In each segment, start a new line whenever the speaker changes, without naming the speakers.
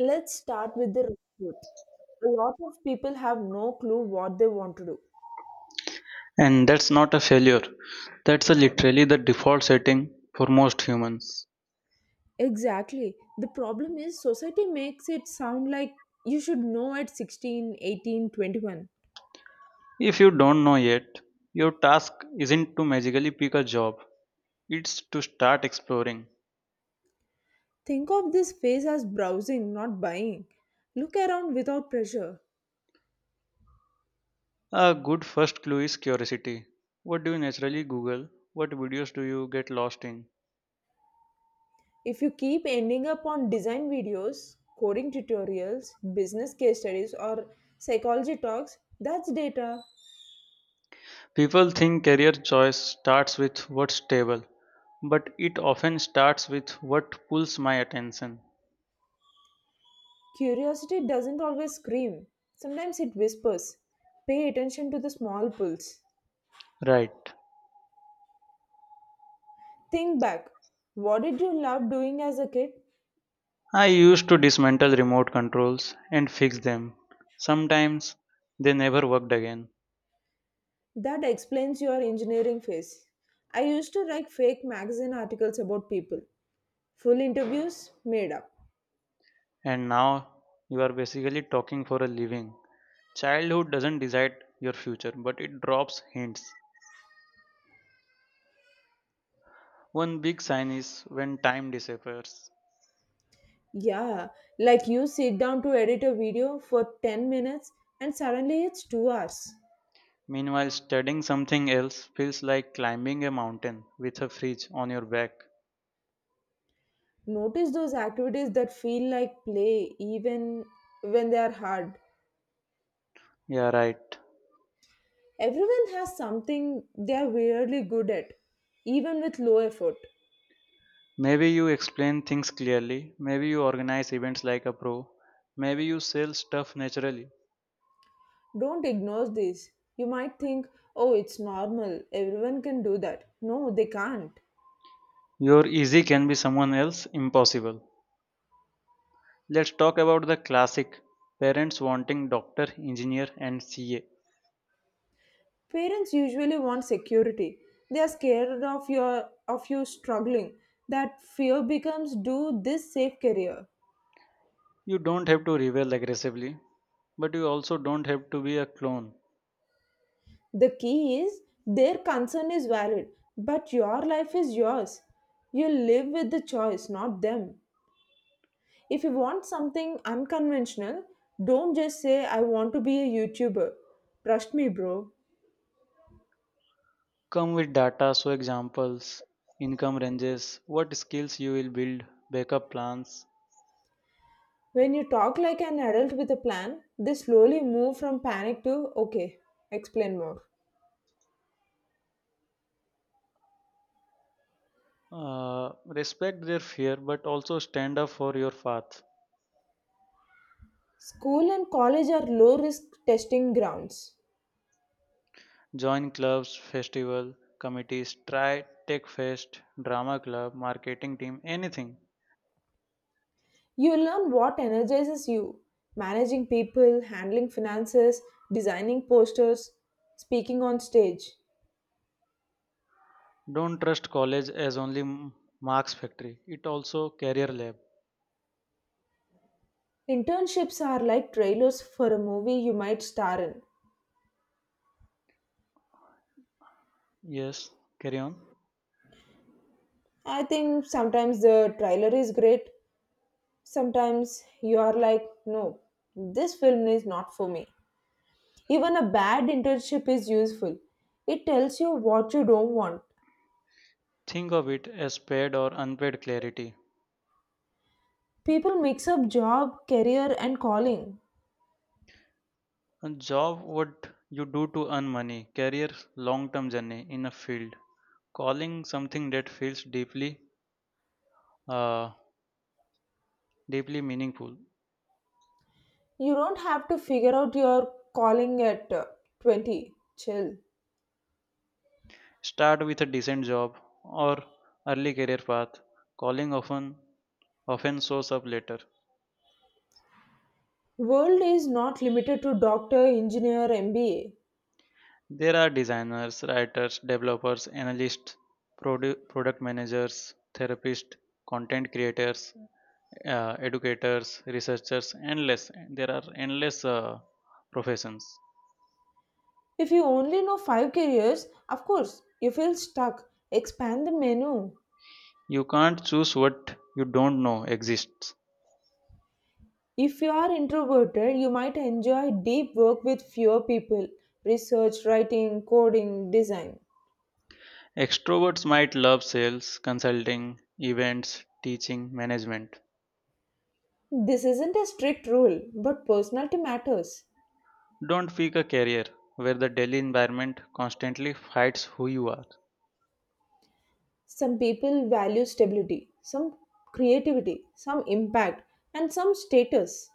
Let's start with the real truth. A lot of people have no clue what they want to do.
And that's not a failure. That's a literally the default setting for most humans.
Exactly. The problem is society makes it sound like you should know at 16, 18, 21.
If you don't know yet, your task isn't to magically pick a job, it's to start exploring.
Think of this phase as browsing, not buying. Look around without pressure.
A good first clue is curiosity. What do you naturally Google? What videos do you get lost in?
If you keep ending up on design videos, coding tutorials, business case studies, or psychology talks, that's data.
People think career choice starts with what's stable, but it often starts with what pulls my attention.
Curiosity doesn't always scream, sometimes it whispers. Pay attention to the small pulls.
Right.
Think back. What did you love doing as a kid?
I used to dismantle remote controls and fix them. Sometimes they never worked again.
That explains your engineering phase. I used to write fake magazine articles about people. Full interviews made up.
And now you are basically talking for a living. Childhood doesn't decide your future, but it drops hints. One big sign is when time disappears.
Yeah, like you sit down to edit a video for 10 minutes and suddenly it's 2 hours.
Meanwhile, studying something else feels like climbing a mountain with a fridge on your back.
Notice those activities that feel like play even when they are hard.
Yeah, right.
Everyone has something they are weirdly good at, even with low effort.
Maybe you explain things clearly, maybe you organize events like a pro, maybe you sell stuff naturally.
Don't ignore this. You might think, oh, it's normal, everyone can do that. No, they can't.
Your easy can be someone else's impossible. Let's talk about the classic parents wanting doctor, engineer, and CA.
Parents usually want security. They are scared of you struggling. That fear becomes do this safe career.
You don't have to rebel aggressively, but you also don't have to be a clone.
The key is their concern is valid, but your life is yours. You live with the choice, not them. If you want something unconventional, don't just say, I want to be a YouTuber. Trust me, bro.
Come with data, so examples, income ranges, what skills you will build, backup plans.
When you talk like an adult with a plan, they slowly move from panic to, okay, explain more.
Respect their fear, but also stand up for your path.
School and college are low risk testing grounds.
Join clubs, festival, committees, try tech fest, drama club, marketing team, anything.
You learn what energizes you managing people, handling finances, designing posters, speaking on stage.
Don't trust college as only marks factory. It also career lab.
Internships are like trailers for a movie you might star in.
Yes, carry on.
I think sometimes the trailer is great. Sometimes you are like, no, this film is not for me. Even a bad internship is useful. It tells you what you don't want.
Think of it as paid or unpaid clarity.
People mix up job, career, and calling.
A job what you do to earn money, career long term journey in a field. Calling something that feels deeply, uh, deeply meaningful.
You don't have to figure out your calling at 20. Chill.
Start with a decent job or early career path. Calling often shows up later.
World is not limited to doctor, engineer, MBA.
There are designers, writers, developers, analysts, product managers, therapists, content creators, educators, researchers, endless. There are endless professions.
If you only know five careers, of course, you feel stuck. Expand the menu.
You can't choose what you don't know exists.
If you are introverted, you might enjoy deep work with fewer people research, writing, coding, design.
Extroverts might love sales, consulting, events, teaching, management.
This isn't a strict rule, but personality matters.
Don't pick a career where the daily environment constantly fights who you are.
Some people value stability, some creativity, some impact, and some status.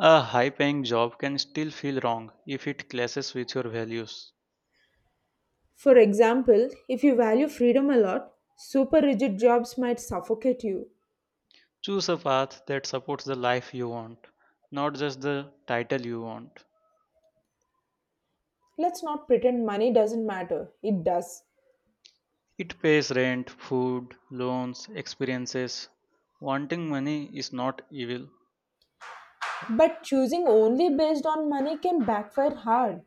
A high paying job can still feel wrong if it clashes with your values.
For example, if you value freedom a lot, super rigid jobs might suffocate you.
Choose a path that supports the life you want, not just the title you want.
Let's not pretend money doesn't matter, it does.
It pays rent, food, loans, experiences. Wanting money is not evil.
But choosing only based on money can backfire hard.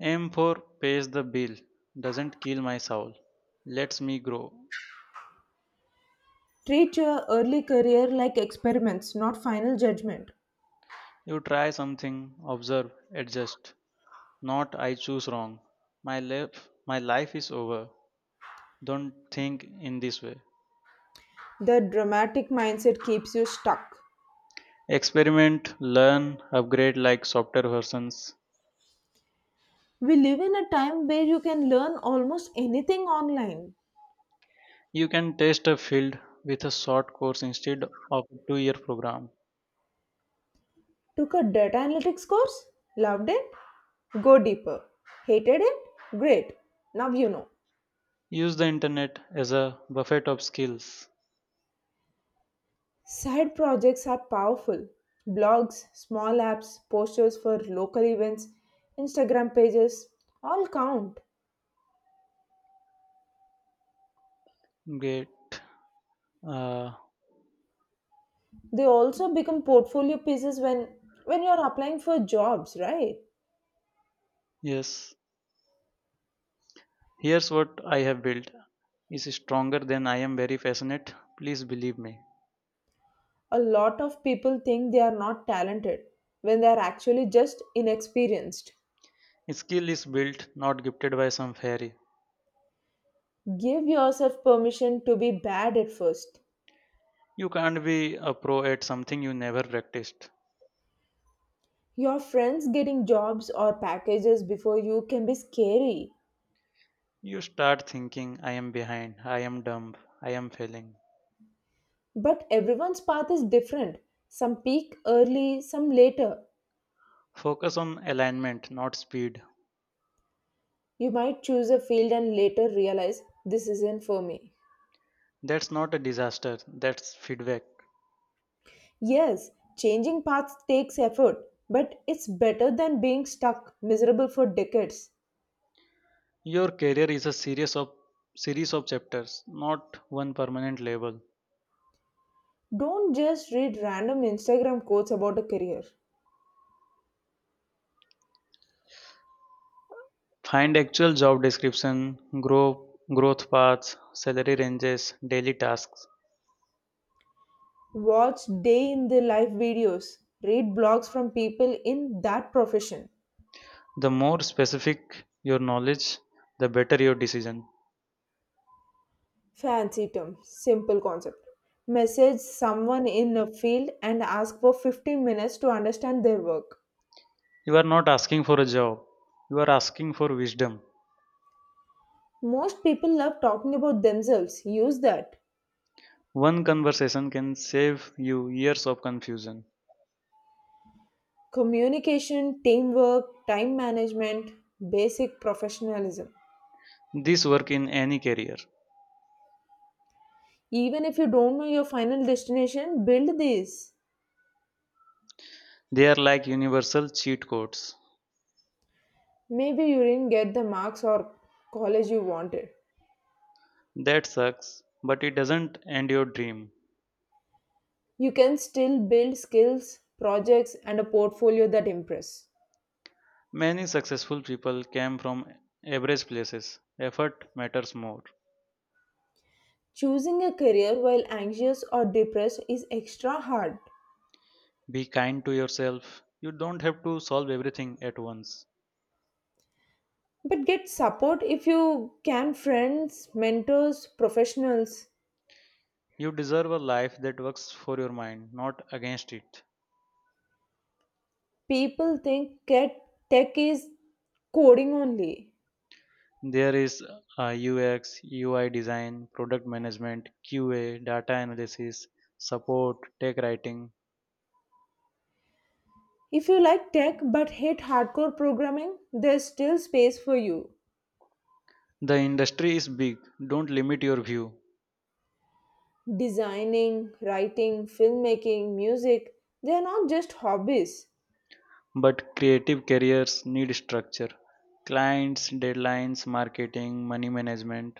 Aim for pays the bill, doesn't kill my soul, lets me grow.
Treat your early career like experiments, not final judgment.
You try something, observe, adjust. Not I choose wrong. My life is over. Don't think in this way.
The dramatic mindset keeps you stuck.
Experiment, learn, upgrade like software versions.
We live in a time where you can learn almost anything online.
You can test a field with a short course instead of a 2 year program.
Took a data analytics course? Loved it? Go deeper. Hated it? Great. Now you know.
Use the internet as a buffet of skills.
Side projects are powerful. Blogs, small apps, posters for local events, Instagram pages all count.
Great. Uh,
They also become portfolio pieces when you are applying for jobs, right?
yes. Here's what I have built is stronger than I am very passionate. Please believe me.
A lot of people think they are not talented when they are actually just inexperienced.
Skill is built, not gifted by some fairy.
Give yourself permission to be bad at first.
You can't be a pro at something you never practiced.
Your friends getting jobs or packages before you can be scary,
You start thinking, I am behind, I am dumb, I am failing.
but everyone's path is different. Some peak early, some later.
Focus on alignment, not speed.
You might choose a field and later realize this isn't for me.
That's not a disaster, that's feedback.
Yes, changing paths takes effort, but it's better than being stuck miserable for decades.
Your career is a series of chapters, not one permanent label.
Don't just read random Instagram quotes about a career.
Find actual job description, growth paths, salary ranges, daily tasks.
Watch day in the life videos, read blogs from people in that profession.
The more specific your knowledge, the better your decision.
Fancy term, simple concept. Message someone in a field and ask for 15 minutes to understand their work.
You are not asking for a job, you are asking for wisdom.
Most people love talking about themselves. Use that.
One conversation can save you years of confusion.
Communication, teamwork, time management, basic professionalism.
This work in any career.
Even if you don't know your final destination, build these.
They are like universal cheat codes.
Maybe you didn't get the marks or college you wanted.
That sucks, but it doesn't end your dream.
You can still build skills, projects, and a portfolio that impress.
Many successful people came from average places. Effort matters more.
Choosing a career while anxious or depressed is extra hard.
Be kind to yourself. You don't have to solve everything at once.
But get support if you can friends, mentors, professionals.
You deserve a life that works for your mind, not against it.
People think tech is coding only.
There is UX, UI design, product management, QA, data analysis, support, tech writing.
If you like tech but hate hardcore programming, there's still space for you.
The industry is big. Don't limit your view.
Designing, writing, filmmaking, music, they are not just hobbies.
But creative careers need structure. Clients, deadlines, marketing, money management.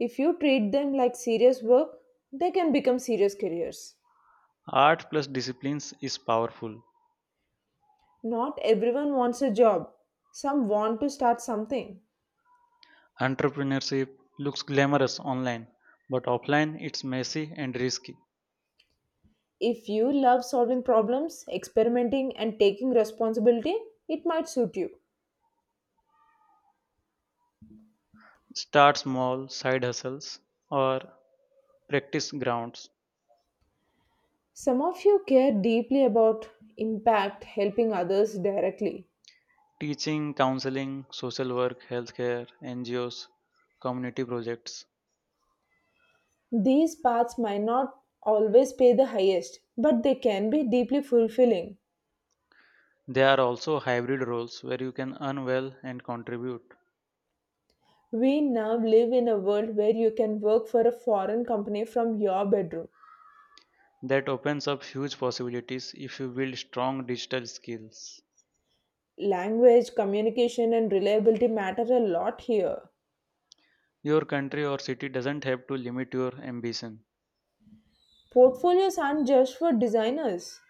If you treat them like serious work, they can become serious careers.
Art plus disciplines is powerful.
Not everyone wants a job. Some want to start something.
Entrepreneurship looks glamorous online, but offline it's messy and risky.
If you love solving problems, experimenting, and taking responsibility, it might suit you.
Start small, side hustles, or practice grounds.
Some of you care deeply about impact helping others directly.
Teaching, counseling, social work, healthcare, NGOs, community projects.
These paths might not always pay the highest, but they can be deeply fulfilling.
They are also hybrid roles where you can earn well and contribute.
We now live in a world where you can work for a foreign company from your bedroom.
That opens up huge possibilities if you build strong digital skills.
Language, communication, and reliability matter a lot here.
Your country or city doesn't have to limit your ambition.
Portfolios aren't just for designers.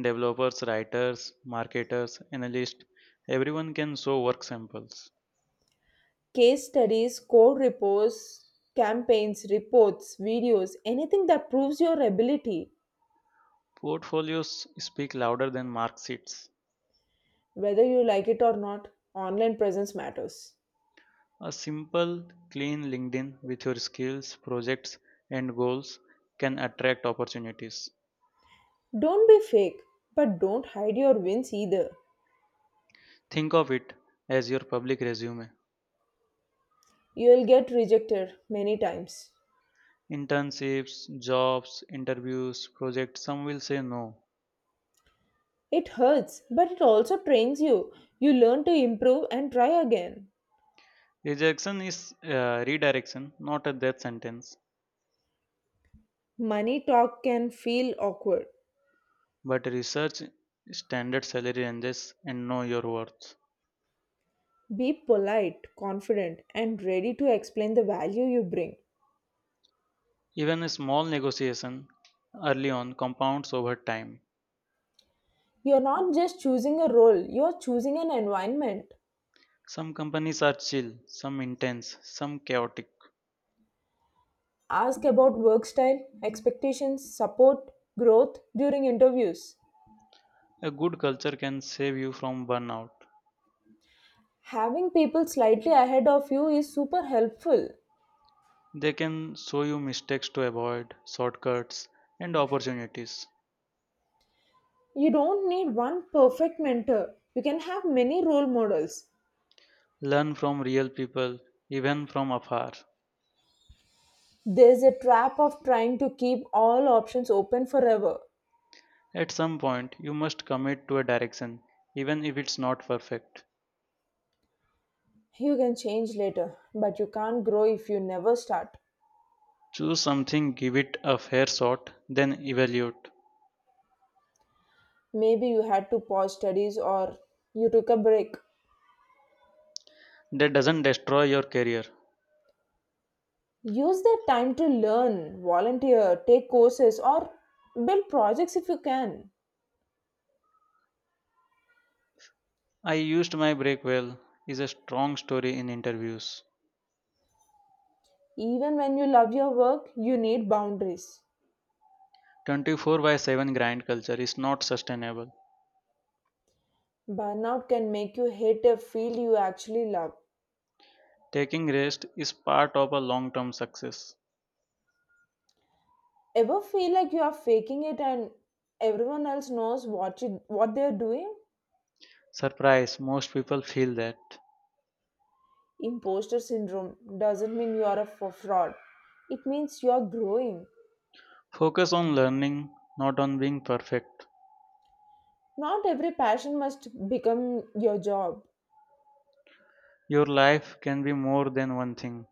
Developers, writers, marketers, analysts, everyone can show work samples.
Case studies, code reports, campaigns, reports, videos, anything that proves your ability.
Portfolios speak louder than mark sheets.
Whether you like it or not, online presence matters.
A simple, clean LinkedIn with your skills, projects, and goals can attract opportunities.
Don't be fake, but don't hide your wins either.
Think of it as your public resume.
You'll get rejected many times.
Internships, jobs, interviews, projects, some will say no.
It hurts, but it also trains you. You learn to improve and try again.
Rejection is redirection, not a death sentence,
Money talk can feel awkward.
but research standard salary ranges and know your worth.
Be polite, confident, and ready to explain the value you bring.
Even a small negotiation early on compounds over time.
You're not just choosing a role, you're choosing an environment.
Some companies are chill, some intense, some chaotic.
Ask about work style, expectations, support, growth during interviews.
A good culture can save you from burnout.
Having people slightly ahead of you is super helpful.
They can show you mistakes to avoid, shortcuts, and opportunities.
You don't need one perfect mentor, you can have many role models.
Learn from real people, even from afar.
There's a trap of trying to keep all options open forever.
At some point, you must commit to a direction, even if it's not perfect.
You can change later, but you can't grow if you never start.
Choose something, give it a fair shot, then evaluate.
Maybe you had to pause studies or you took a break.
That doesn't destroy your career.
Use that time to learn, volunteer, take courses, or build projects if you can.
I used my break well is a strong story in interviews.
Even when you love your work, you need boundaries.
24 by 7 grind culture is not sustainable.
Burnout can make you hate a field you actually love.
Taking rest is part of a long term success.
Ever feel like you are faking it and everyone else knows what they are doing?
Surprise, most people feel that.
Imposter syndrome doesn't mean you are a fraud. It means you are growing.
Focus on learning, not on being perfect.
Not every passion must become your job.
Your life can be more than one thing.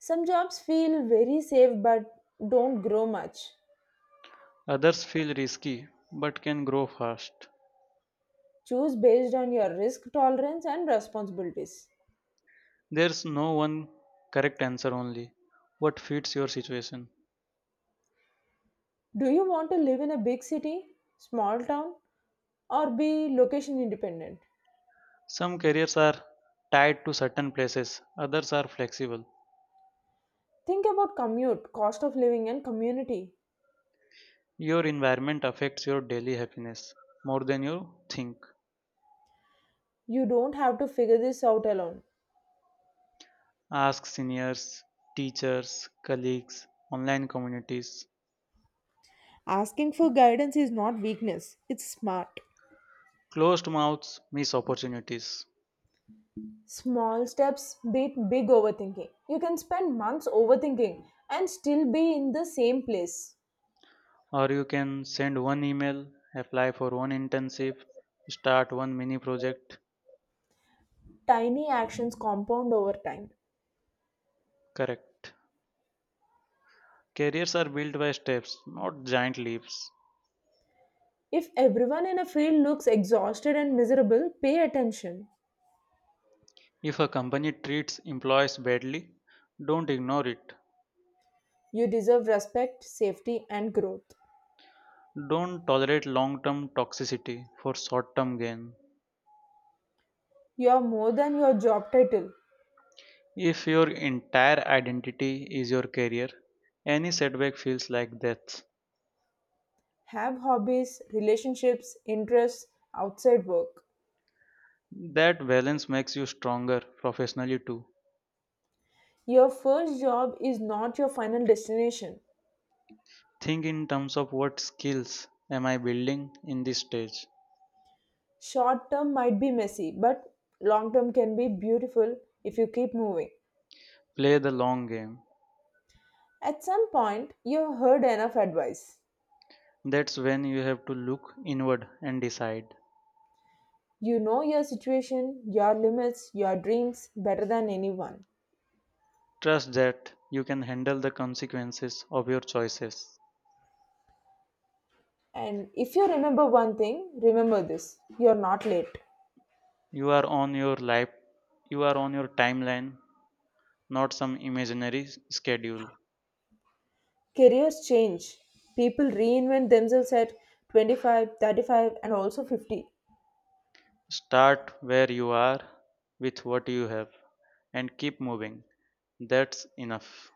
Some jobs feel very safe but don't grow much.
Others feel risky but can grow fast.
Choose based on your risk tolerance and responsibilities.
There's no one correct answer only what fits your situation.
Do you want to live in a big city, small town, or be location independent?
Some careers are tied to certain places, others are flexible.
Think about commute, cost of living, and community.
Your environment affects your daily happiness more than you think.
You don't have to figure this out alone.
Ask seniors, teachers, colleagues, online communities.
Asking for guidance is not weakness, it's smart.
Closed mouths miss opportunities.
Small steps beat big overthinking. You can spend months overthinking and still be in the same place.
Or you can send one email, apply for one internship, start one mini project.
Tiny actions compound over time.
Correct. Careers are built by steps, not giant leaps.
If everyone in a field looks exhausted and miserable, pay attention.
If a company treats employees badly, don't ignore it.
You deserve respect, safety, and growth.
Don't tolerate long term toxicity for short term gain.
You are more than your job title.
If your entire identity is your career, any setback feels like death.
Have hobbies, relationships, interests outside work.
That balance makes you stronger professionally too.
Your first job is not your final destination.
Think in terms of what skills am I building in this stage.
Short term might be messy, but long term can be beautiful if you keep moving.
Play the long game.
At some point, you've heard enough advice.
That's when you have to look inward and decide.
You know your situation, your limits, your dreams better than anyone.
Trust that you can handle the consequences of your choices.
And if you remember one thing, remember this you're not late.
You are on your life, you are on your timeline, not some imaginary schedule.
Careers change. People reinvent themselves at 25, 35, and also 50.
Start where you are with what you have and keep moving. That's enough.